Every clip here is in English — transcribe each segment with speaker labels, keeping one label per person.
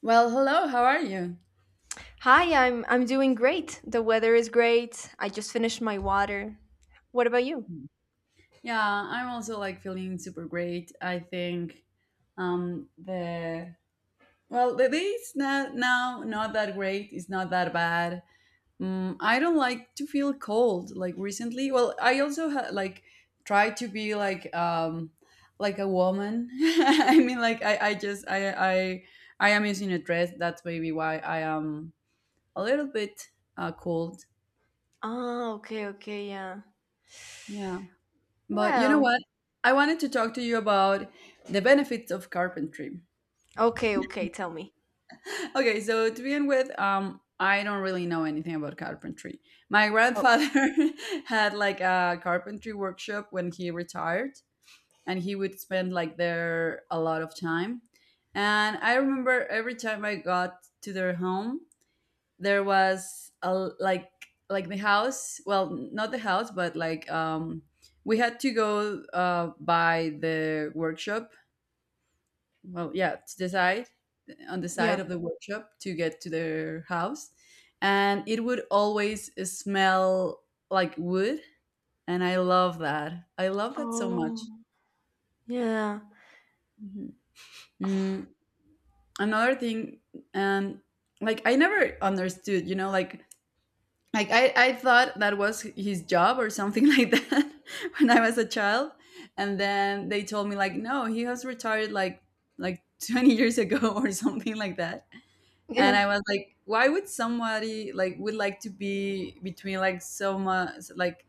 Speaker 1: Well, hello, how are you?
Speaker 2: Hi, I'm doing great. The weather is great. I just finished my water. What about you?
Speaker 1: Yeah, I'm also like feeling super great. I think the well, the day is not now not that great. It's not that bad. I don't like to feel cold like recently. Well, I also like try to be like a woman. I mean, like I just I am using a dress. That's maybe why I am a little bit cold.
Speaker 2: Ah, okay, okay, yeah.
Speaker 1: But you know
Speaker 2: Well,
Speaker 1: what? I wanted to talk to you about the benefits of carpentry.
Speaker 2: okay, okay, tell me.
Speaker 1: Okay, so to begin with, I don't really know anything about carpentry. My
Speaker 2: Oh,
Speaker 1: grandfather had like a carpentry workshop when he retired, and he would spend like there a lot of time. And I remember every time I got to their home, there was a like like the house. Well, not the house, but like we had to go by the workshop well, yeah, to the side, on the side
Speaker 2: yeah.
Speaker 1: of the workshop to get to their house. And it would always smell like wood. And I love that. I love that so much.
Speaker 2: Oh, yeah.
Speaker 1: Mhm. Mm, another thing, and like I never understood, like I thought that was his job or something like that when I was a child. And then they told me like, no, he has retired like 20 years ago or something like that. And
Speaker 2: Yeah,
Speaker 1: I was like, why would somebody like would like to be between like so much like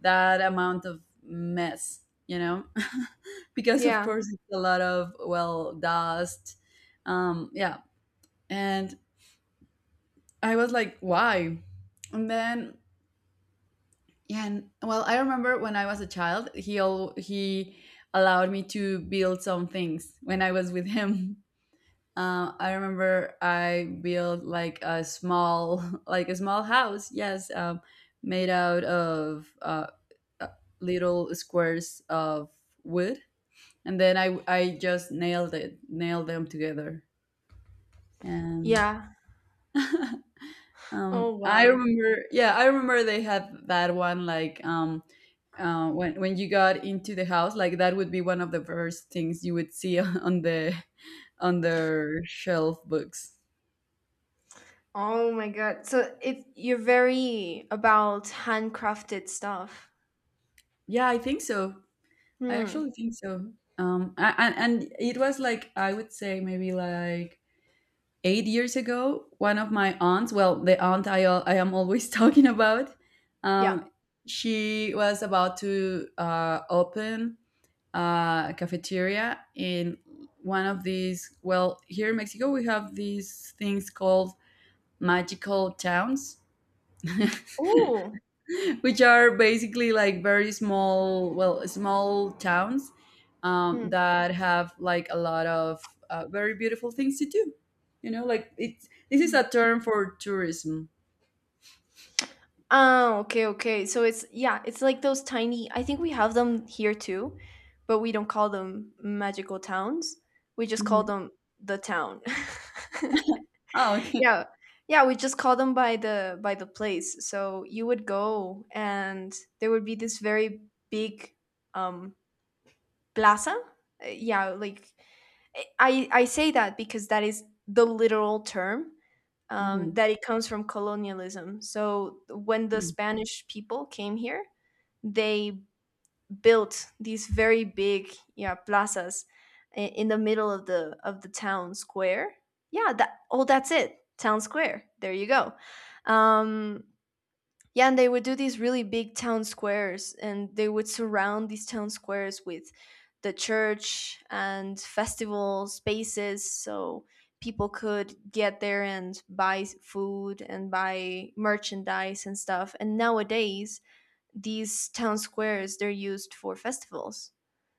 Speaker 1: that amount of mess, you know? Because of
Speaker 2: yeah,
Speaker 1: course it's a lot of well dust, yeah. And I was like, why? And then yeah, and well, I remember when I was a child, he all he allowed me to build some things when I was with him. I remember I built like a small, like a small house. Yes, made out of uh, little squares of wood, and then I just nailed it, nailed them together, and
Speaker 2: yeah. Oh,
Speaker 1: I
Speaker 2: wow.
Speaker 1: remember, yeah, I remember they had that one like when you got into the house, like that would be one of the first things you would see on the on their shelf books.
Speaker 2: Oh my God. So it you're very about handcrafted stuff.
Speaker 1: Yeah, I think so. I
Speaker 2: Hmm.
Speaker 1: actually think so. And it was like I would say maybe like 8 years ago. One of my aunts, well, the aunt I am always talking about, um,
Speaker 2: Yeah.
Speaker 1: she was about to open a cafeteria in one of these. Well, here in Mexico we have these things called magical towns.
Speaker 2: Oh.
Speaker 1: Which are basically like very small, well, small towns
Speaker 2: Hmm.
Speaker 1: that have like a lot of very beautiful things to do. You know, like it's this is a term for tourism.
Speaker 2: Oh, okay, okay. So it's, yeah, it's like those tiny. I think we have them here too, but we don't call them magical towns. We just call
Speaker 1: Mhm.
Speaker 2: them the town.
Speaker 1: Oh, okay.
Speaker 2: Yeah. Yeah, we just call them by the place. So you would go and there would be this very big um plaza. Yeah, like I say that because that is the literal term,
Speaker 1: Mhm.
Speaker 2: that it comes from colonialism. So when the
Speaker 1: Mm.
Speaker 2: Spanish people came here, they built these very big, yeah, plazas in the middle of the town square. Yeah, that oh, that's it, town square. There you go. Um, yeah, and they would do these really big town squares, and they would surround these town squares with the church and festival spaces so people could get there and buy food and buy merchandise and stuff. And nowadays, these town squares they're used for festivals.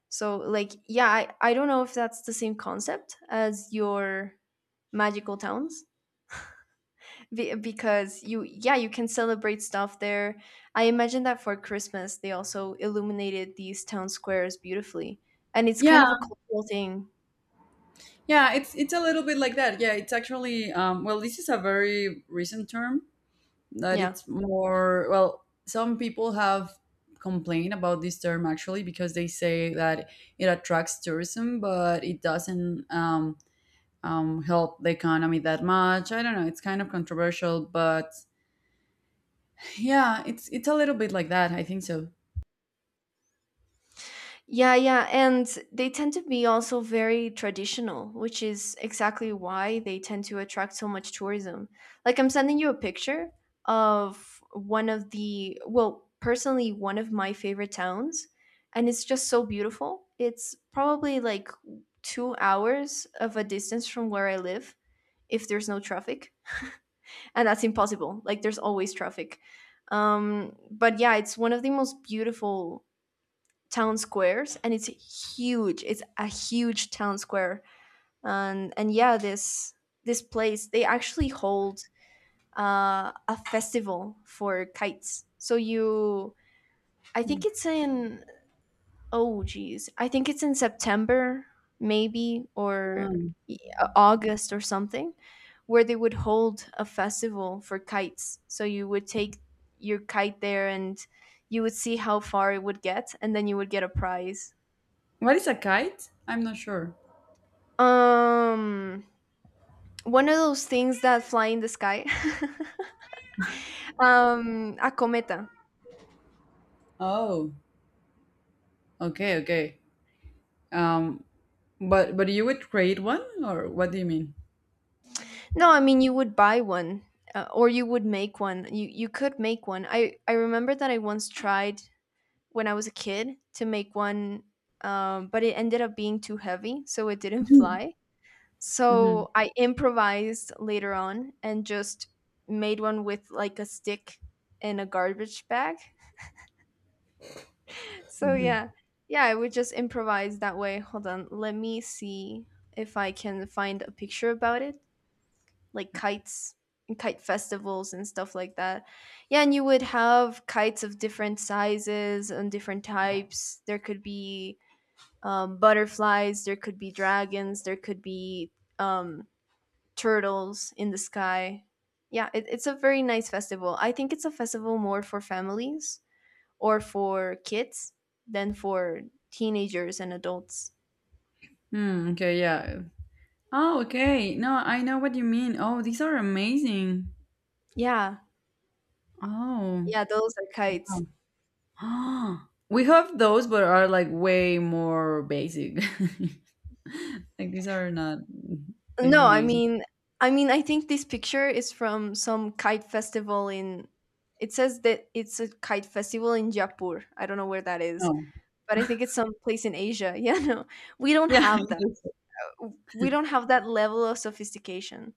Speaker 2: So like, yeah, I don't know if that's the same concept as your magical towns. Because you can celebrate stuff there. I imagine that for Christmas they also illuminated these town squares beautifully, and it's kind
Speaker 1: Yeah,
Speaker 2: of a cultural thing,
Speaker 1: yeah, it's a little bit like that. Yeah, it's actually well, this is a very recent term, that
Speaker 2: yeah.
Speaker 1: it's more well some people have complained about this term actually because they say that it attracts tourism but it doesn't help the economy that much. I don't know, it's kind of controversial but yeah it's a little bit like that I think so.
Speaker 2: Yeah, yeah, and they tend to be also very traditional, which is exactly why they tend to attract so much tourism. Like I'm sending you a picture of one of the, well, personally one of my favorite towns, and it's just so beautiful. It's probably like 2 hours of a distance from where I live if there's no traffic, and that's impossible. Like there's always traffic. But yeah, it's one of the most beautiful town squares, and it's huge. It's a huge town square, and yeah, this place they actually hold a festival for kites, so you, I think it's in oh geez, I think it's in September maybe, or
Speaker 1: Mhm.
Speaker 2: y- August or something, where they would hold a festival for kites, so you would take your kite there and you would see how far it would get and then you would get a prize.
Speaker 1: What is a kite? I'm not sure.
Speaker 2: Um, one of those things that fly in the sky. A cometa.
Speaker 1: Oh, okay, okay. um, but you would create one, or what do you mean?
Speaker 2: No, I mean you would buy one, or you would make one. You could make one. I remember that I once tried when I was a kid to make one, but it ended up being too heavy, so it didn't
Speaker 1: Mm-hmm.
Speaker 2: fly. So I improvised later on and just made one with like a stick and a garbage bag. So
Speaker 1: Mm-hmm.
Speaker 2: yeah, yeah, I would just improvise that way. Hold on, let me see if I can find a picture about it, like kites and kite festivals and stuff like that. Yeah, and you would have kites of different sizes and different types. There could be, butterflies, there could be dragons, there could be, um, turtles in the sky. Yeah, it's a very nice festival. I think it's a festival more for families or for kids than for teenagers and adults.
Speaker 1: Hmm, okay, yeah. Oh, okay. No, I know what you mean. Oh, these are amazing.
Speaker 2: Yeah,
Speaker 1: Oh.
Speaker 2: yeah, those are kites.
Speaker 1: Wow. We have those, but are like way more basic. Like these are not. It's
Speaker 2: No, I
Speaker 1: amazing.
Speaker 2: mean, I think this picture is from some kite festival in. It says that it's a kite festival in Jaipur. I don't know where that is,
Speaker 1: Oh,
Speaker 2: but I think it's some place in Asia. Yeah, no, we don't
Speaker 1: yeah.
Speaker 2: have that.
Speaker 1: It's-
Speaker 2: We don't have that level of sophistication.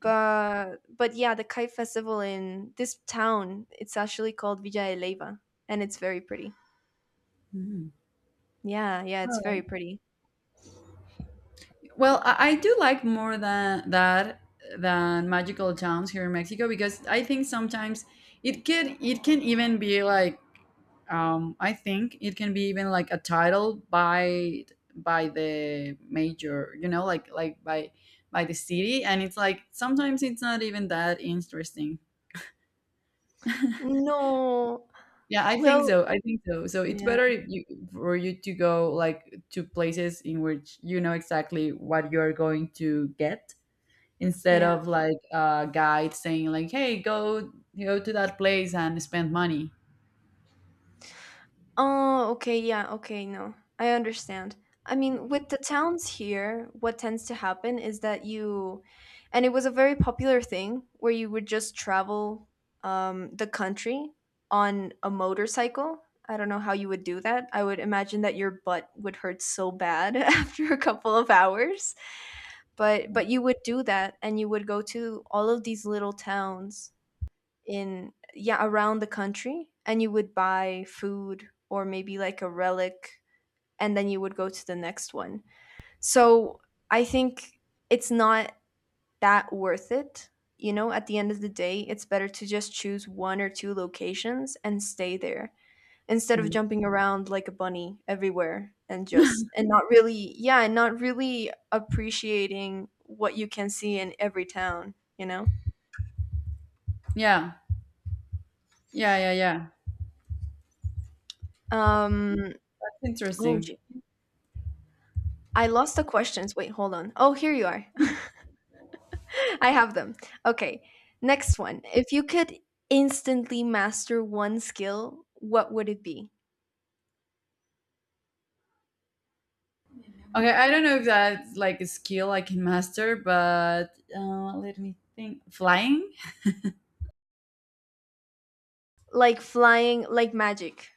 Speaker 2: But yeah, the kite festival in this town, it's actually called Villa de Leyva, and it's very pretty.
Speaker 1: Mhm.
Speaker 2: Yeah, yeah, it's very pretty.
Speaker 1: Well, I do like more than that than magical towns here in Mexico because I think sometimes it can even be like I think it can be even like a title by the major, you know, like by the city, and it's like sometimes it's not even that interesting.
Speaker 2: No.
Speaker 1: Yeah, I think
Speaker 2: Well,
Speaker 1: so. I think so. So it's
Speaker 2: yeah,
Speaker 1: better if you for you to go like to places in which you know exactly what you're going to get instead
Speaker 2: yeah.
Speaker 1: of like a guide saying like, "Hey, go to that place and spend money."
Speaker 2: Oh, okay, yeah, okay, no, I understand. I mean, with the towns here, what tends to happen is that you, and it was a very popular thing where you would just travel, the country on a motorcycle. I don't know how you would do that. I would imagine that your butt would hurt so bad after a couple of hours. But you would do that and you would go to all of these little towns in yeah, around the country, and you would buy food or maybe like a relic and then you would go to the next one, so I think it's not that worth it. At the end of the day, it's better to just choose one or two locations and stay there instead of
Speaker 1: Mm.
Speaker 2: jumping around like a bunny everywhere, and just, and not really, yeah, and not really appreciating what you can see in every town.
Speaker 1: Yeah, yeah, yeah, yeah.
Speaker 2: um
Speaker 1: That's
Speaker 2: oh,
Speaker 1: interesting.
Speaker 2: I lost the questions. Wait, hold on. Oh, here you are. I have them. Okay. Next one. If you could instantly master one skill, what would it be?
Speaker 1: Okay, I don't know if that's like a skill I can master, but let me think. Flying?
Speaker 2: Like flying, like magic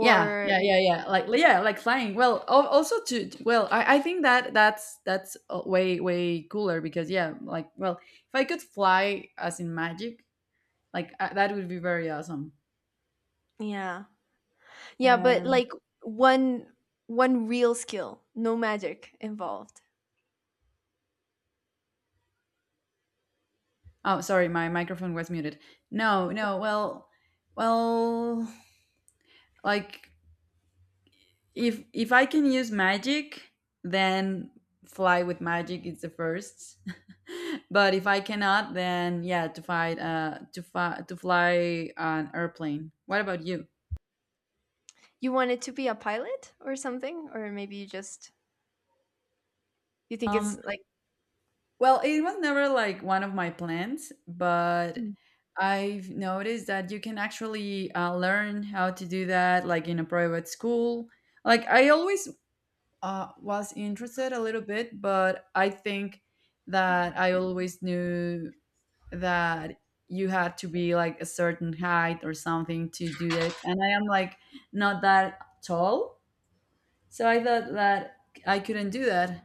Speaker 1: Yeah, yeah, yeah, yeah. Like yeah, like flying. Well, also to well, I think that that's way way cooler because yeah, like well, if I could fly as in magic, like that would be very awesome.
Speaker 2: yeah. Yeah, but
Speaker 1: Um,
Speaker 2: like one one real skill, no magic involved.
Speaker 1: oh, sorry, my microphone was muted. No, no. Well, well, like if I can use magic, then fly with magic is the first. But if I cannot, then yeah, to fly an airplane. What about you?
Speaker 2: You want it to be a pilot or something, or maybe you think it's
Speaker 1: Um,
Speaker 2: like,
Speaker 1: well, it was never like one of my plans, but
Speaker 2: hmm.
Speaker 1: I've noticed that you can actually learn how to do that, like in a private school. Like I always was interested a little bit, but I think that I always knew that you had to be like a certain height or something to do it. And I am like not that tall. So I thought that I couldn't do that.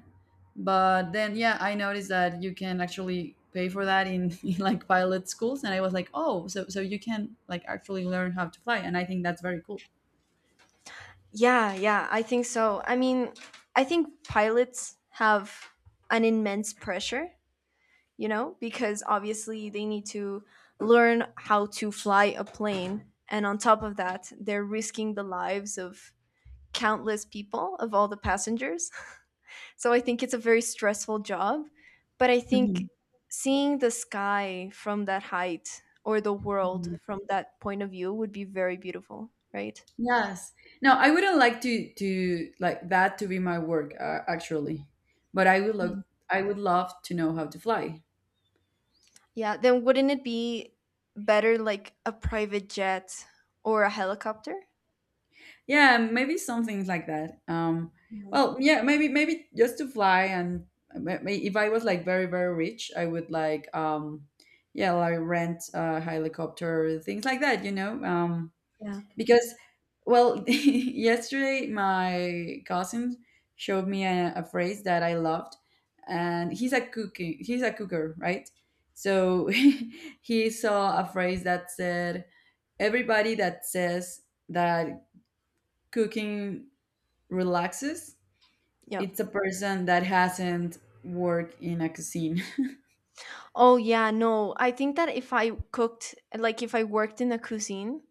Speaker 1: But then, yeah, I noticed that you can actually pay for that in, in like pilot schools. And I was like, oh, so, so you can like actually learn how to fly. And I think that's very cool.
Speaker 2: Yeah, yeah, I think so. I mean, I think pilots have an immense pressure, you know, because obviously they need to learn how to fly a plane. And on top of that, they're risking the lives of countless people, of all the passengers. So I think it's a very stressful job. But I
Speaker 1: Mhm,
Speaker 2: think seeing the sky from that height or the world
Speaker 1: mhm.
Speaker 2: from that point of view would be very beautiful, right?
Speaker 1: Yes. No, I wouldn't like to like that to be my work actually, but I would look. I would love to know how to fly.
Speaker 2: Yeah, then wouldn't it be better like a private jet or a helicopter?
Speaker 1: Yeah, maybe something like that.
Speaker 2: Yeah.
Speaker 1: Well, yeah, maybe just to fly and if I was like very very rich, I would like yeah, like rent a helicopter, things like that, you know.
Speaker 2: Yeah.
Speaker 1: Because well, yesterday my cousin showed me a phrase that I loved, and he's a cooking, he's a cooker, right? So he saw a phrase that said, "Everybody that says that cooking relaxes
Speaker 2: Yeah.
Speaker 1: it's a person that hasn't worked in a cuisine."
Speaker 2: Oh, yeah, no. I think that if I cooked, like if I worked in a cuisine,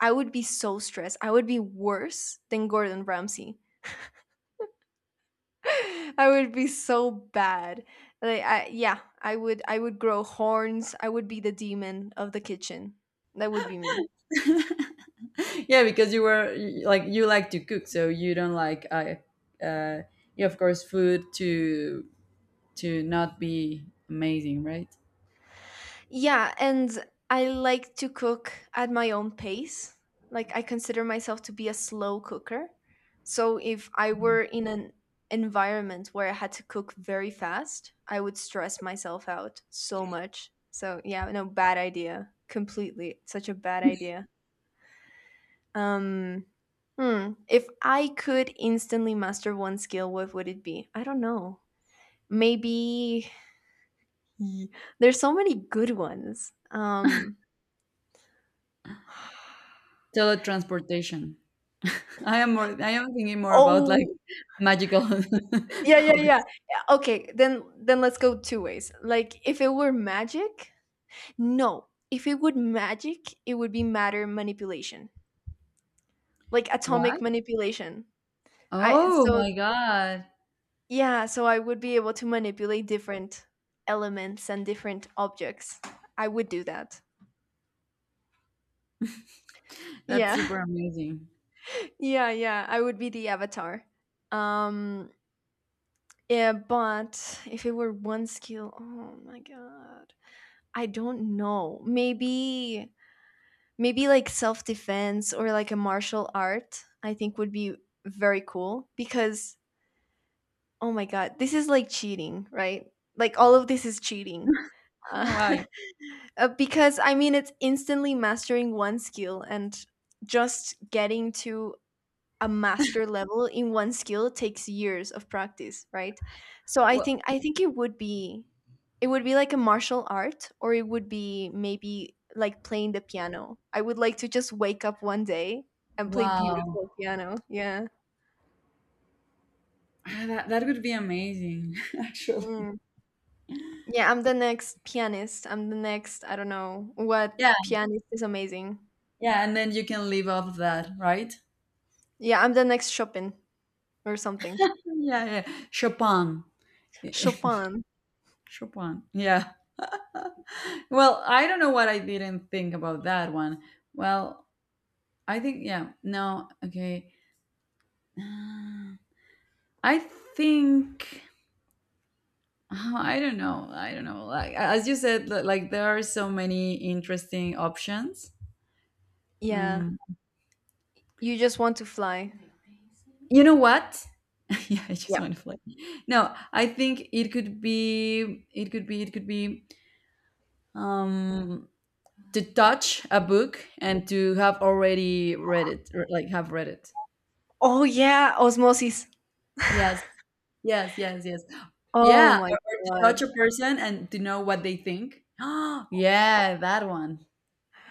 Speaker 2: I would be so stressed. I would be worse than Gordon Ramsay. I would be so bad. Like I would grow horns. I would be the demon of the kitchen. That would be me.
Speaker 1: Yeah because you were like you like to cook so you don't like uh yeah, of course food to not be amazing, right?
Speaker 2: Yeah, and I like to cook at my own pace. Like I consider myself to be a slow cooker. So if I were in an environment where I had to cook very fast, I would stress myself out so much. So yeah, no bad idea. Completely. Such a bad idea. Um if I could instantly master one skill, what would it be? I don't know. Maybe, there's so many good ones.
Speaker 1: Teletransportation. I am thinking more about like
Speaker 2: Oh,
Speaker 1: magical
Speaker 2: yeah, yeah, yeah.
Speaker 1: powers.
Speaker 2: Yeah, okay, then let's go two ways. Like if it were magic, no. If it would magic, it would be matter manipulation, like
Speaker 1: What?
Speaker 2: atomic manipulation. I
Speaker 1: Oh
Speaker 2: so
Speaker 1: my god.
Speaker 2: yeah, so I would be able to manipulate different elements and different objects. I would do that.
Speaker 1: That's
Speaker 2: Yeah.
Speaker 1: super amazing.
Speaker 2: Yeah, yeah. I would be the avatar. Um yeah, but if it were one skill, oh my god. I don't know. Maybe, like self defense or like a martial art, I think would be very cool, because, oh my God, this is like cheating, right? Like all of this is cheating. Uh,
Speaker 1: Why?
Speaker 2: because I mean, it's instantly mastering one skill, and just getting to a master level in one skill takes years of practice, right? So I
Speaker 1: Well.
Speaker 2: think I think it would be like a martial art, or it would be maybe like playing the piano. I would like to just wake up one day and play
Speaker 1: Wow.
Speaker 2: beautiful piano. Yeah.
Speaker 1: Ah, that would be amazing actually.
Speaker 2: Mm. Yeah, I'm the next pianist. I'm the next, I don't know, what
Speaker 1: Yeah,
Speaker 2: pianist is amazing.
Speaker 1: yeah, and then you can live off that, right?
Speaker 2: Yeah, I'm the next Chopin or something.
Speaker 1: Yeah, yeah. Chopin.
Speaker 2: Chopin.
Speaker 1: Chopin. Yeah. Well, I don't know what, I didn't think about that one. Well, I think yeah. No, okay. Uh, I think oh, I don't know. I don't know. Like as you said, like there are so many interesting options.
Speaker 2: Yeah.
Speaker 1: Um,
Speaker 2: You just want to fly.
Speaker 1: you know what? Yeah, I just
Speaker 2: Yeah.
Speaker 1: want to fly. No, I think it could be. It could be. It could be. Um, to touch a book and to have already read it, or like have read it.
Speaker 2: Oh yeah, osmosis.
Speaker 1: Yes, yes, yes, yes.
Speaker 2: Oh
Speaker 1: Yeah,
Speaker 2: my
Speaker 1: or to touch
Speaker 2: God.
Speaker 1: a person and to know what they think. Yeah, that one.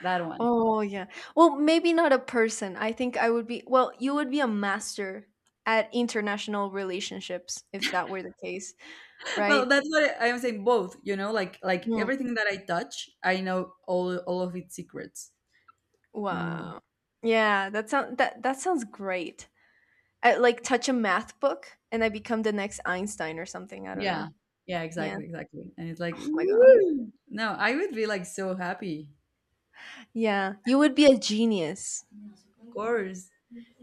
Speaker 1: That one.
Speaker 2: Oh yeah. Well, maybe not a person. I think I would be, well, you would be a master at international relationships if that were the case,
Speaker 1: Well,
Speaker 2: right?
Speaker 1: that's what I am saying, both, you know, like
Speaker 2: Hmm.
Speaker 1: everything that I touch I know all of its secrets. Mm.
Speaker 2: Wow. Yeah, that sounds great. Like touch a math book and I become the next Einstein or something. I don't know.
Speaker 1: Yeah, yeah,
Speaker 2: Yeah.
Speaker 1: exactly, exactly, and it's like,
Speaker 2: Oh my God.
Speaker 1: woo! No, I would be like so happy.
Speaker 2: Yeah. You would be a genius.
Speaker 1: Of course.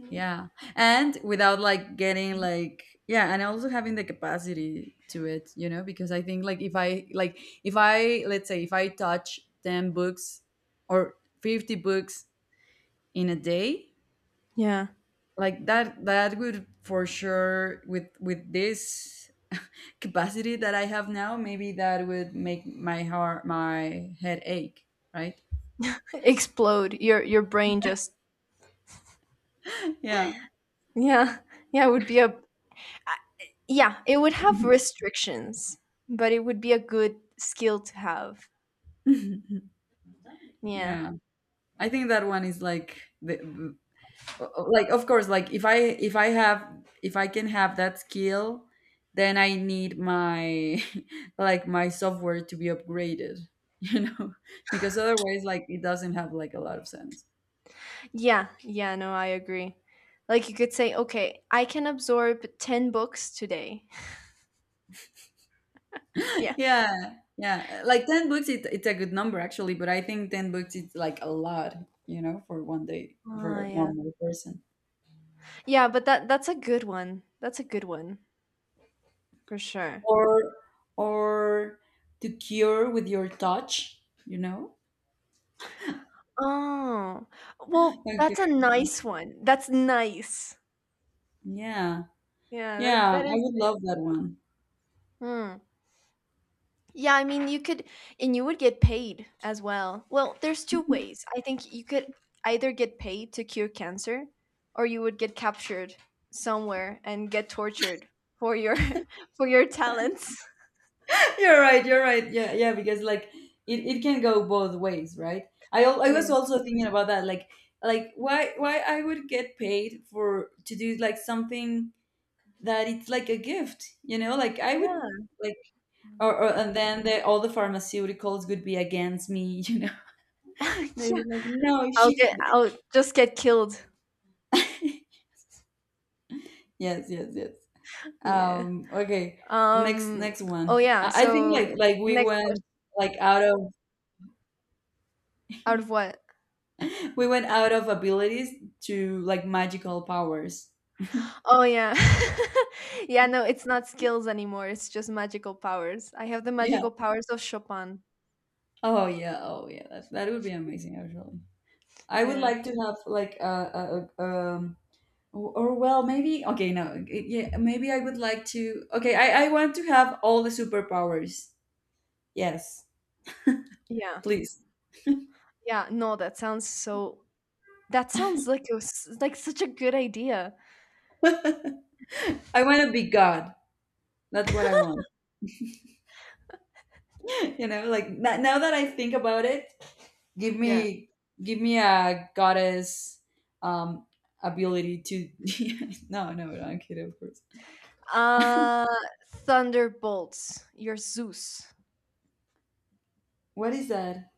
Speaker 1: Yeah. And without like getting like yeah, and also having the capacity to it, you know, because I think like if I let's say if I touch 10 books or 50 books in a day,
Speaker 2: Yeah.
Speaker 1: like that would for sure with this capacity that I have now, maybe that would make my heart my head ache, right?
Speaker 2: Explode. Your brain just,
Speaker 1: Yeah.
Speaker 2: yeah. Yeah, it would be a yeah, it would have restrictions, but it would be a good skill to have. Yeah.
Speaker 1: Yeah. I think that one is like the like of course like if I can have that skill, then I need my like my software to be upgraded, you know, because otherwise like it doesn't have like a lot of sense.
Speaker 2: Yeah, yeah, no, I agree. Like you could say, "Okay, I can absorb 10 books today." Yeah.
Speaker 1: Yeah yeah like 10 books it's a good number actually but I think 10 books is like a lot you know for one day
Speaker 2: Oh,
Speaker 1: for a
Speaker 2: yeah.
Speaker 1: normal person.
Speaker 2: Yeah, but that's a good one. That's a good one for sure.
Speaker 1: Or or to cure with your touch, you know.
Speaker 2: Oh. Well,
Speaker 1: Okay,
Speaker 2: that's a nice one. That's nice.
Speaker 1: yeah.
Speaker 2: Yeah, that
Speaker 1: Yeah,
Speaker 2: that
Speaker 1: I
Speaker 2: is.
Speaker 1: would love that one.
Speaker 2: Hmm. Yeah, I mean, you could, and you would get paid as well. Well, there's two ways. I think you could either get paid to cure cancer, or you would get captured somewhere and get tortured for your for your talents.
Speaker 1: You're right. You're right. Yeah, yeah. Because like it can go both ways, right? I was
Speaker 2: Yeah.
Speaker 1: also thinking about that, like why I would get paid for to do like something that it's like a gift, you know? Like I would
Speaker 2: Yeah.
Speaker 1: like, or and then the, all the pharmaceuticals would be against me, you know? They
Speaker 2: yeah.
Speaker 1: would like no,
Speaker 2: I'll
Speaker 1: she.
Speaker 2: get. I'll just get killed.
Speaker 1: C-? Yes, yes, yes.
Speaker 2: Yeah.
Speaker 1: Okay. Next
Speaker 2: Um.
Speaker 1: next
Speaker 2: Oh
Speaker 1: one.
Speaker 2: yeah.
Speaker 1: I think
Speaker 2: So
Speaker 1: like we
Speaker 2: next
Speaker 1: went
Speaker 2: question.
Speaker 1: like out of
Speaker 2: Out of what?
Speaker 1: we went out of abilities to like magical powers.
Speaker 2: Oh yeah. yeah, no, it's not skills anymore. It's just magical powers. I have the
Speaker 1: Yeah.
Speaker 2: magical powers of Chopin.
Speaker 1: Oh yeah. Oh yeah. That would be amazing. Actually, I would
Speaker 2: Yeah.
Speaker 1: like to have like a well maybe okay no yeah maybe I would like to okay I want to have all the superpowers. Yes,
Speaker 2: Yeah.
Speaker 1: please.
Speaker 2: Yeah, no, that sounds so that sounds like it was like such a good idea.
Speaker 1: I want to be God. That's what I want. Now that I think about it, give
Speaker 2: Yeah.
Speaker 1: me give me a goddess um ability to no I'm kidding, of course.
Speaker 2: Uh Thunderbolts. You're Zeus.
Speaker 1: What is that?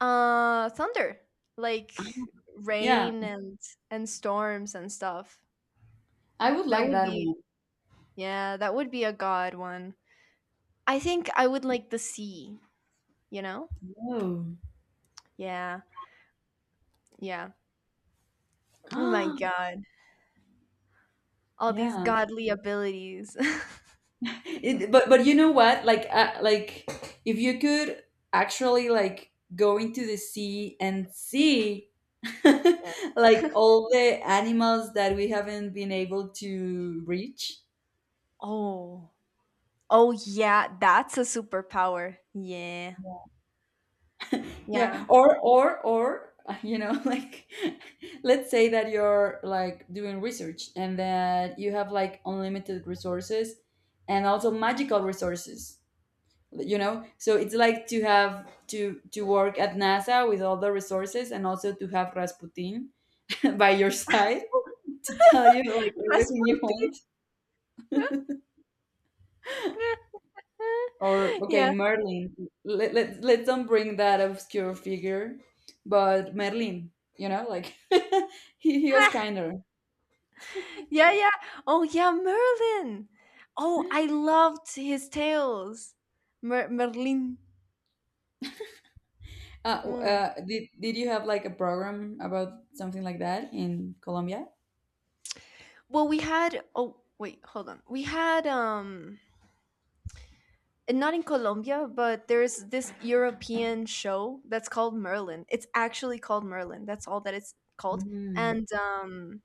Speaker 2: Thunder. Like
Speaker 1: Yeah,
Speaker 2: rain and storms and stuff.
Speaker 1: I would
Speaker 2: That
Speaker 1: like
Speaker 2: would
Speaker 1: that
Speaker 2: be
Speaker 1: one.
Speaker 2: yeah, that would be a god one. I think I would like the sea, you know?
Speaker 1: Oh,
Speaker 2: Yeah. Yeah. Oh my
Speaker 1: ah,
Speaker 2: god. All these
Speaker 1: yeah.
Speaker 2: godly abilities.
Speaker 1: It, but you know what, like if you could actually like go into the sea and see
Speaker 2: Yeah.
Speaker 1: like all the animals that we haven't been able to reach.
Speaker 2: Oh. Oh yeah, that's a superpower. Yeah.
Speaker 1: Yeah,
Speaker 2: Yeah.
Speaker 1: or like let's say that you're like doing research and that you have like unlimited resources and also magical resources. You know, so it's like to have to work at NASA with all the resources and also to have Rasputin by your side to tell you like everything you
Speaker 2: Rasputin.
Speaker 1: want. Or okay,
Speaker 2: yeah.
Speaker 1: Merlin. Let's don't bring that obscure figure, but Merlin. You know, like he was kinder.
Speaker 2: Yeah, yeah. Oh yeah, Merlin. Oh, I loved his tales. Merlin. Mm.
Speaker 1: Did you have like a program about something like that in Colombia?
Speaker 2: Well, we had oh wait, hold on. We had and not in Colombia, but there's this European show that's called Merlin. It's actually called Merlin. That's all that it's called.
Speaker 1: Mhm.
Speaker 2: And um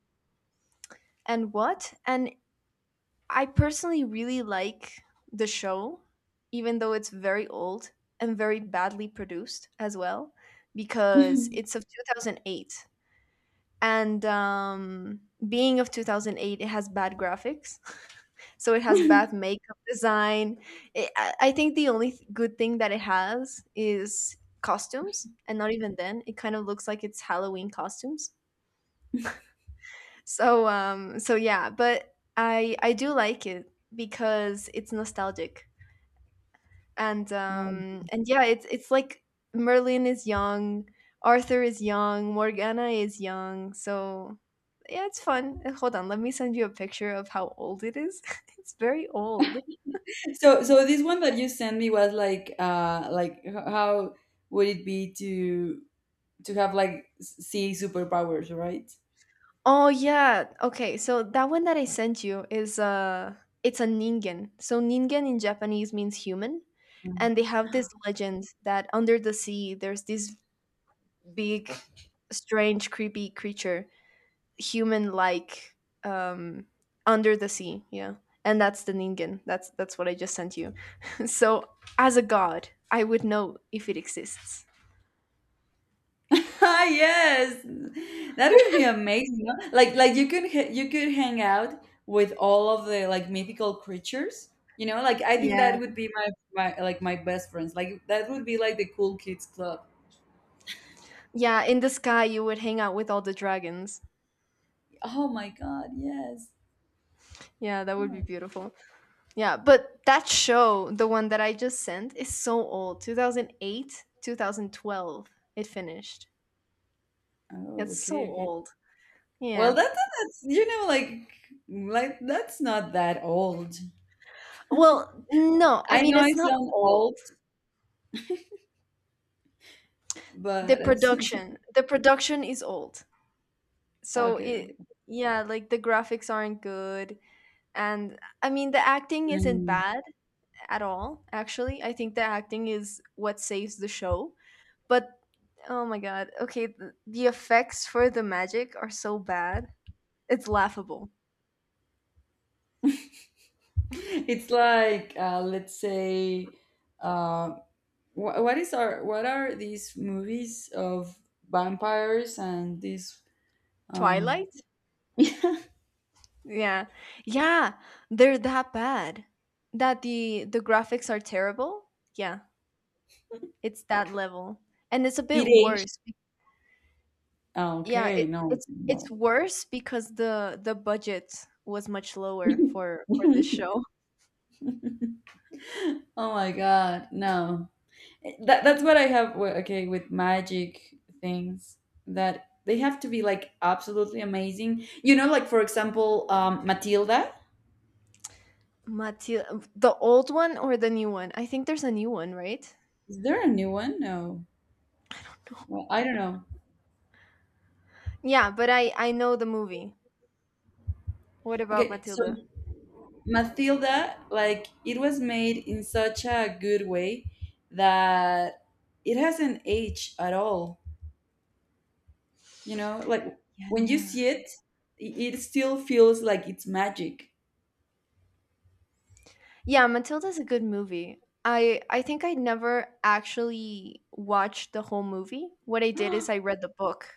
Speaker 2: and what? And I personally really like the show even though it's very old and very badly produced as well because it's of 2008. And being of 2008 it has bad graphics, so it has bad makeup design. It, i I think the only good thing that it has is costumes, and not even then. It kind of looks like it's Halloween costumes, so so yeah. But I do like it because it's nostalgic,
Speaker 1: Right.
Speaker 2: and yeah, it's like Merlin is young, Arthur is young, Morgana is young, so yeah, it's fun. Hold on, let me send you a picture of how old it is. It's very old.
Speaker 1: So this one that you sent me was like h- how would it be to have like s- sea superpowers, right?
Speaker 2: Oh yeah, okay, so that one that I sent you is it's a ningen. So ningen in Japanese means human, and they have this
Speaker 1: Mm.
Speaker 2: legend that under the sea there's this big strange creepy creature, human like um under the sea, yeah. And that's the ningen. That's what I just sent you. So as a god I would know if it exists.
Speaker 1: Yes, that would be amazing, no? Like you could ha- you could hang out with all of the like mythical creatures. You know, like I think
Speaker 2: Yeah,
Speaker 1: that would be my my like my best friends. Like that would be like the cool kids club.
Speaker 2: yeah, in the sky you would hang out with all the dragons.
Speaker 1: Oh my god, yes,
Speaker 2: Yeah, that would be
Speaker 1: yes.
Speaker 2: beautiful. Yeah, but that show, the one that I just sent, is so old. 2008, 2012 it finished.
Speaker 1: Oh,
Speaker 2: It's so
Speaker 1: okay, okay.
Speaker 2: old.
Speaker 1: Well,
Speaker 2: Yeah.
Speaker 1: that's, you know, like that's not that old.
Speaker 2: Well no, I
Speaker 1: I
Speaker 2: mean
Speaker 1: know I
Speaker 2: it's not
Speaker 1: sound
Speaker 2: old.
Speaker 1: old,
Speaker 2: the
Speaker 1: but at the same time,
Speaker 2: production the production is old, so
Speaker 1: okay,
Speaker 2: it
Speaker 1: okay.
Speaker 2: yeah, like the graphics aren't good, and I mean the acting isn't
Speaker 1: Mm.
Speaker 2: bad at all. Actually, I think the acting is what saves the show, but oh my god, okay, the effects for the magic are so bad, it's laughable.
Speaker 1: It's like let's say, uh, wh- what is our, what are these movies of vampires and this um,
Speaker 2: Twilight.
Speaker 1: it
Speaker 2: Yeah. Yeah, they're that bad, that the graphics are terrible. Yeah, it's that level, and it's a bit
Speaker 1: age?
Speaker 2: worse.
Speaker 1: Ah,
Speaker 2: Yeah,
Speaker 1: okay,
Speaker 2: it
Speaker 1: no,
Speaker 2: it's it's
Speaker 1: no.
Speaker 2: worse because the budget was much lower for this show.
Speaker 1: Oh my god, no. That that's what I have. Wi- okay, with magic things, that they have to be like absolutely amazing. You know, like for example, Matilda.
Speaker 2: Matilda, the old one or the new one? I think there's a new one, right?
Speaker 1: Is there a new one? No. Well, I don't know.
Speaker 2: Yeah, but I know the movie. What about
Speaker 1: Okay, so
Speaker 2: Matilda?
Speaker 1: Matilda, like it was made in such a good way that it hasn't aged at all. You know, like
Speaker 2: Yeah,
Speaker 1: when you see it, I- it still feels like it's magic.
Speaker 2: yeah, Matilda's a good movie. I think I never actually watched the whole movie. What I did is I read the book.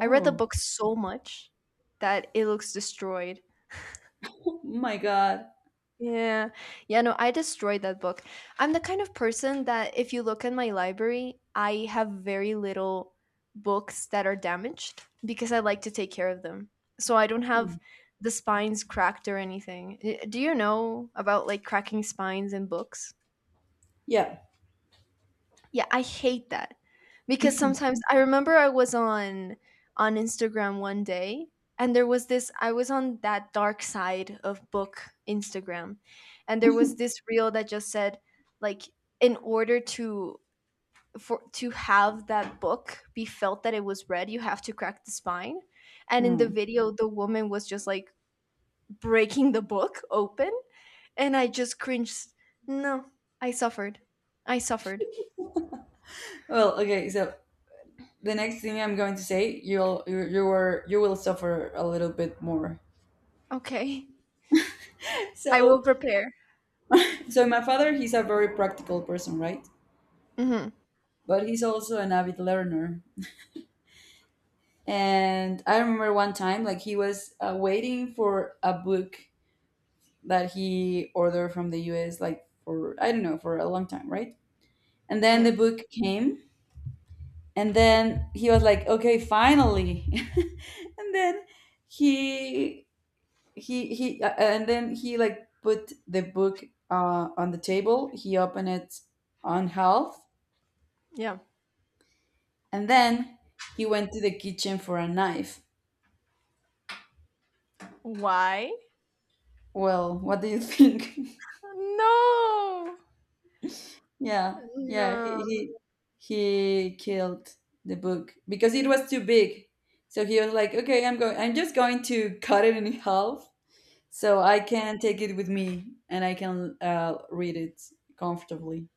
Speaker 2: I read the book so much that it looks destroyed.
Speaker 1: my God.
Speaker 2: Yeah. Yeah, no, I destroyed that book. I'm the kind of person that if you look at my library, I have very little books that are damaged because I like to take care of them. So I don't
Speaker 1: Hmm.
Speaker 2: have the spines cracked or anything. Do you know about like cracking spines in books?
Speaker 1: Yeah.
Speaker 2: Yeah, I hate that. Because sometimes I remember I was on Instagram one day, and there was this I was on that dark side of book Instagram, and there was this reel that just said like, in order to for to have that book be felt that it was read, you have to crack the spine. And in the
Speaker 1: Hmm.
Speaker 2: video the woman was just like breaking the book open, and I just cringed. No, I suffered. I suffered.
Speaker 1: Well, okay. So the next thing I'm going to say, you'll you you were you will suffer a little bit more.
Speaker 2: Okay. I will
Speaker 1: So
Speaker 2: prepare.
Speaker 1: so my father, he's a very practical person, right?
Speaker 2: Mhm.
Speaker 1: But he's also an avid learner. And I remember one time, like he was waiting for a book that he ordered from the US, like for, I don't know, for a long time, right? And then
Speaker 2: Yeah.
Speaker 1: the book came, and then he was like, okay, finally. And then he, and then he like put the book on the table. He opened it on half,
Speaker 2: Yeah.
Speaker 1: and then he went to the kitchen for a knife.
Speaker 2: Why?
Speaker 1: Well, what do you think?
Speaker 2: No.
Speaker 1: Yeah, yeah, he
Speaker 2: No.
Speaker 1: he he killed the book because it was too big. So he was like, "Okay, I'm going. I'm just going to cut it in half, so I can take it with me and I can read it comfortably."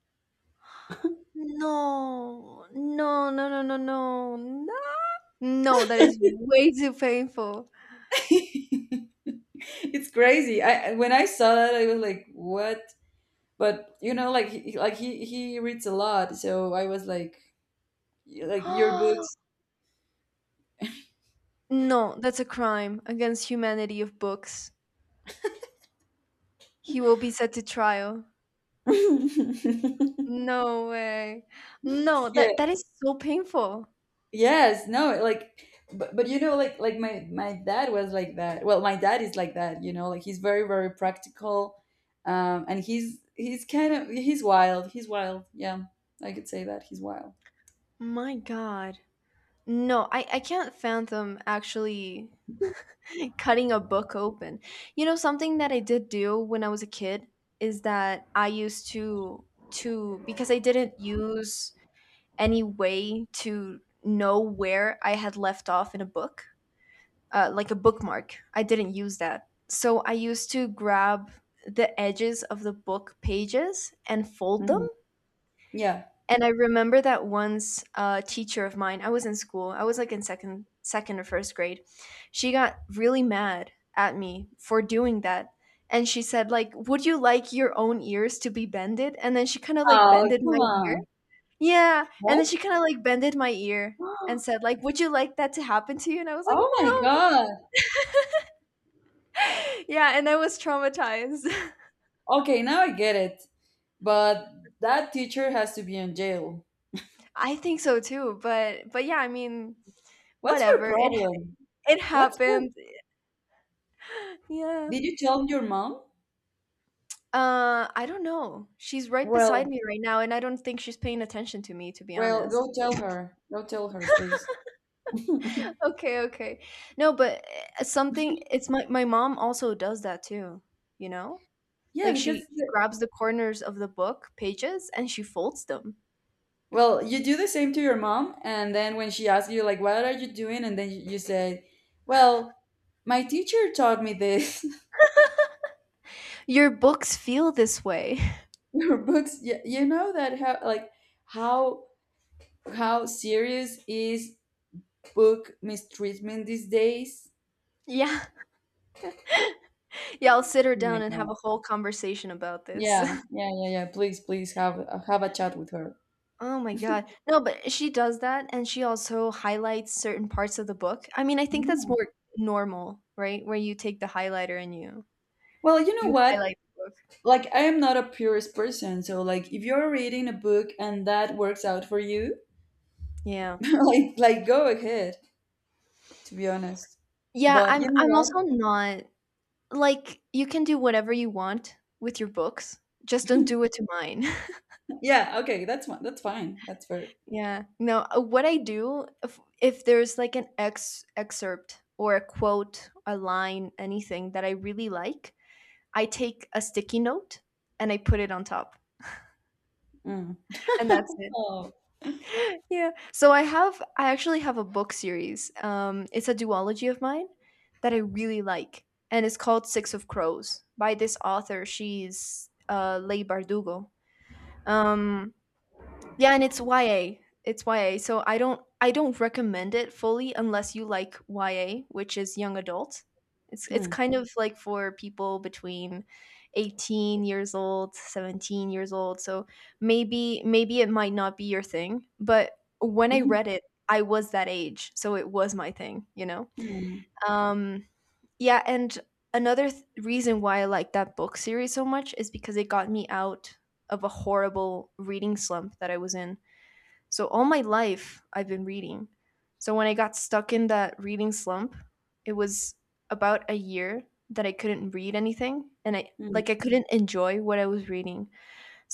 Speaker 2: No. No, no, no, no, no. No. No, that is way too painful.
Speaker 1: It's crazy. When I saw that, I was like, "What?" But you know, like he, like he reads a lot, so I was like, "Like your books."
Speaker 2: No, that's a crime against humanity of books. He will be set to trial. No way. No,
Speaker 1: Yeah,
Speaker 2: that that is so painful.
Speaker 1: yes, no, like but you know like my dad was like that. Well, my dad is like that, you know, like he's very practical. And he's kind of, he's wild. He's wild. Yeah. I could say that he's wild.
Speaker 2: My god. No, I can't fathom actually cutting a book open. You know, something that I did do when I was a kid is that I used to because I didn't use any way to know where I had left off in a book, like a bookmark. I didn't use that. So I used to grab the edges of the book pages and fold them.
Speaker 1: Mhm. Yeah.
Speaker 2: And I remember that once a teacher of mine, I was in school, I was like in second second or first grade. She got really mad at me for doing that. And she said, like, would you like your own ears to be bended? And then she kind of like
Speaker 1: Oh,
Speaker 2: bended my
Speaker 1: come
Speaker 2: ear.
Speaker 1: on.
Speaker 2: Yeah. And then she
Speaker 1: What?
Speaker 2: kind of like bended my ear and said, like, would you like that to happen to you? And I was like,
Speaker 1: Oh my
Speaker 2: no.
Speaker 1: God.
Speaker 2: Yeah. And I was traumatized.
Speaker 1: Okay, now I get it. But that teacher has to be in jail.
Speaker 2: I think so too. But yeah, I mean,
Speaker 1: What's her
Speaker 2: whatever. It,
Speaker 1: problem?
Speaker 2: it
Speaker 1: What's her?
Speaker 2: happened. Yeah.
Speaker 1: Did you tell your mom?
Speaker 2: I don't know. She's right beside
Speaker 1: Well,
Speaker 2: me right now, and I don't think she's paying attention to me, to be
Speaker 1: well,
Speaker 2: honest.
Speaker 1: go tell her. Go tell her, please.
Speaker 2: Okay, okay. No, but something it's my mom also does that too, you know?
Speaker 1: Yeah,
Speaker 2: Like she
Speaker 1: because
Speaker 2: she
Speaker 1: the-
Speaker 2: grabs the corners of the book pages and she folds them.
Speaker 1: well, you do the same to your mom, and then when she asks you like, "What are you doing?" and then you say, "Well, my teacher taught me this."
Speaker 2: Your books feel this way.
Speaker 1: Your books, you know that, how like how how serious is book mistreatment these days?
Speaker 2: Yeah. Yeah, I'll
Speaker 1: Oh
Speaker 2: sit her
Speaker 1: my
Speaker 2: down and have
Speaker 1: God.
Speaker 2: a whole conversation about this.
Speaker 1: Yeah, yeah, yeah, yeah. Please, please have a chat with her.
Speaker 2: Oh my god. No, but she does that, and she also highlights certain parts of the book. I mean, I think that's
Speaker 1: Yeah.
Speaker 2: more normal, right? Where you take the highlighter and you
Speaker 1: Well, you know
Speaker 2: you
Speaker 1: what?
Speaker 2: highlight the book.
Speaker 1: Like, I am not a purist person, so like, if you're reading a book and that works out for you,
Speaker 2: Yeah.
Speaker 1: like go ahead. To be honest.
Speaker 2: Yeah,
Speaker 1: But
Speaker 2: I'm
Speaker 1: you
Speaker 2: I'm
Speaker 1: know
Speaker 2: also not like you can do whatever you want with your books. Just don't do it to mine.
Speaker 1: what? Yeah, okay, that's fine. That's fine. That's very.
Speaker 2: Yeah. No, what I do, if there's like an ex excerpt or a quote, a line, anything that I really like, I take a sticky note and I put it on top.
Speaker 1: Mm.
Speaker 2: And that's it.
Speaker 1: Oh.
Speaker 2: Yeah. So I have I actually have a book series. Um, it's a duology of mine that I really like, and it's called Six of Crows by this author. She's Leigh Bardugo. Um yeah, and it's YA. It's YA. So I don't recommend it fully unless you like YA, which is young adult. It's
Speaker 1: Mm.
Speaker 2: kind of like for people between 18 years old, 17 years old. So maybe maybe it might not be your thing, but when I read it, I was that age, so it was my thing, you know.
Speaker 1: Mm.
Speaker 2: Um yeah, and another reason why I like that book series so much is because it got me out of a horrible reading slump that I was in. So all my life, I've been reading. So when I got stuck in that reading slump, it was about a year that I couldn't read anything, and I
Speaker 1: Mm.
Speaker 2: like I couldn't enjoy what I was reading.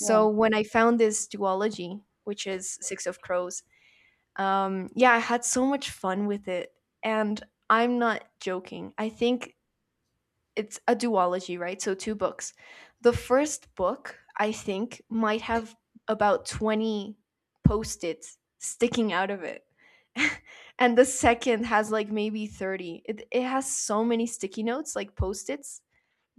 Speaker 1: Yeah.
Speaker 2: when I found this duology, which is Six of Crows, yeah, I had so much fun with it. And I'm not joking. I think it's a duology, right? So two books. The first book, I think, might have about 20 post-its sticking out of it. And the second has like maybe 30. It has so many sticky notes, like post-its,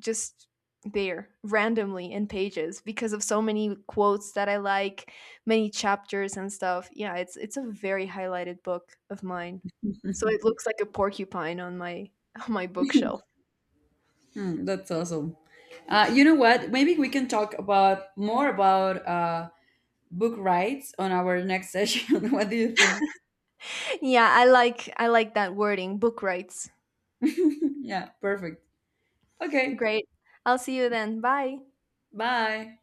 Speaker 2: just there randomly in pages because of so many quotes that I like, many chapters and stuff. Yeah, it's a very highlighted book of mine. So it looks like a porcupine on my on my bookshelf.
Speaker 1: Mm, that's awesome. You know what? Maybe we can talk about more about book rights on our next session. What do you think?
Speaker 2: Yeah, I like that wording, book rights.
Speaker 1: Yeah, perfect. Okay.
Speaker 2: Great. I'll see you then. Bye.
Speaker 1: Bye.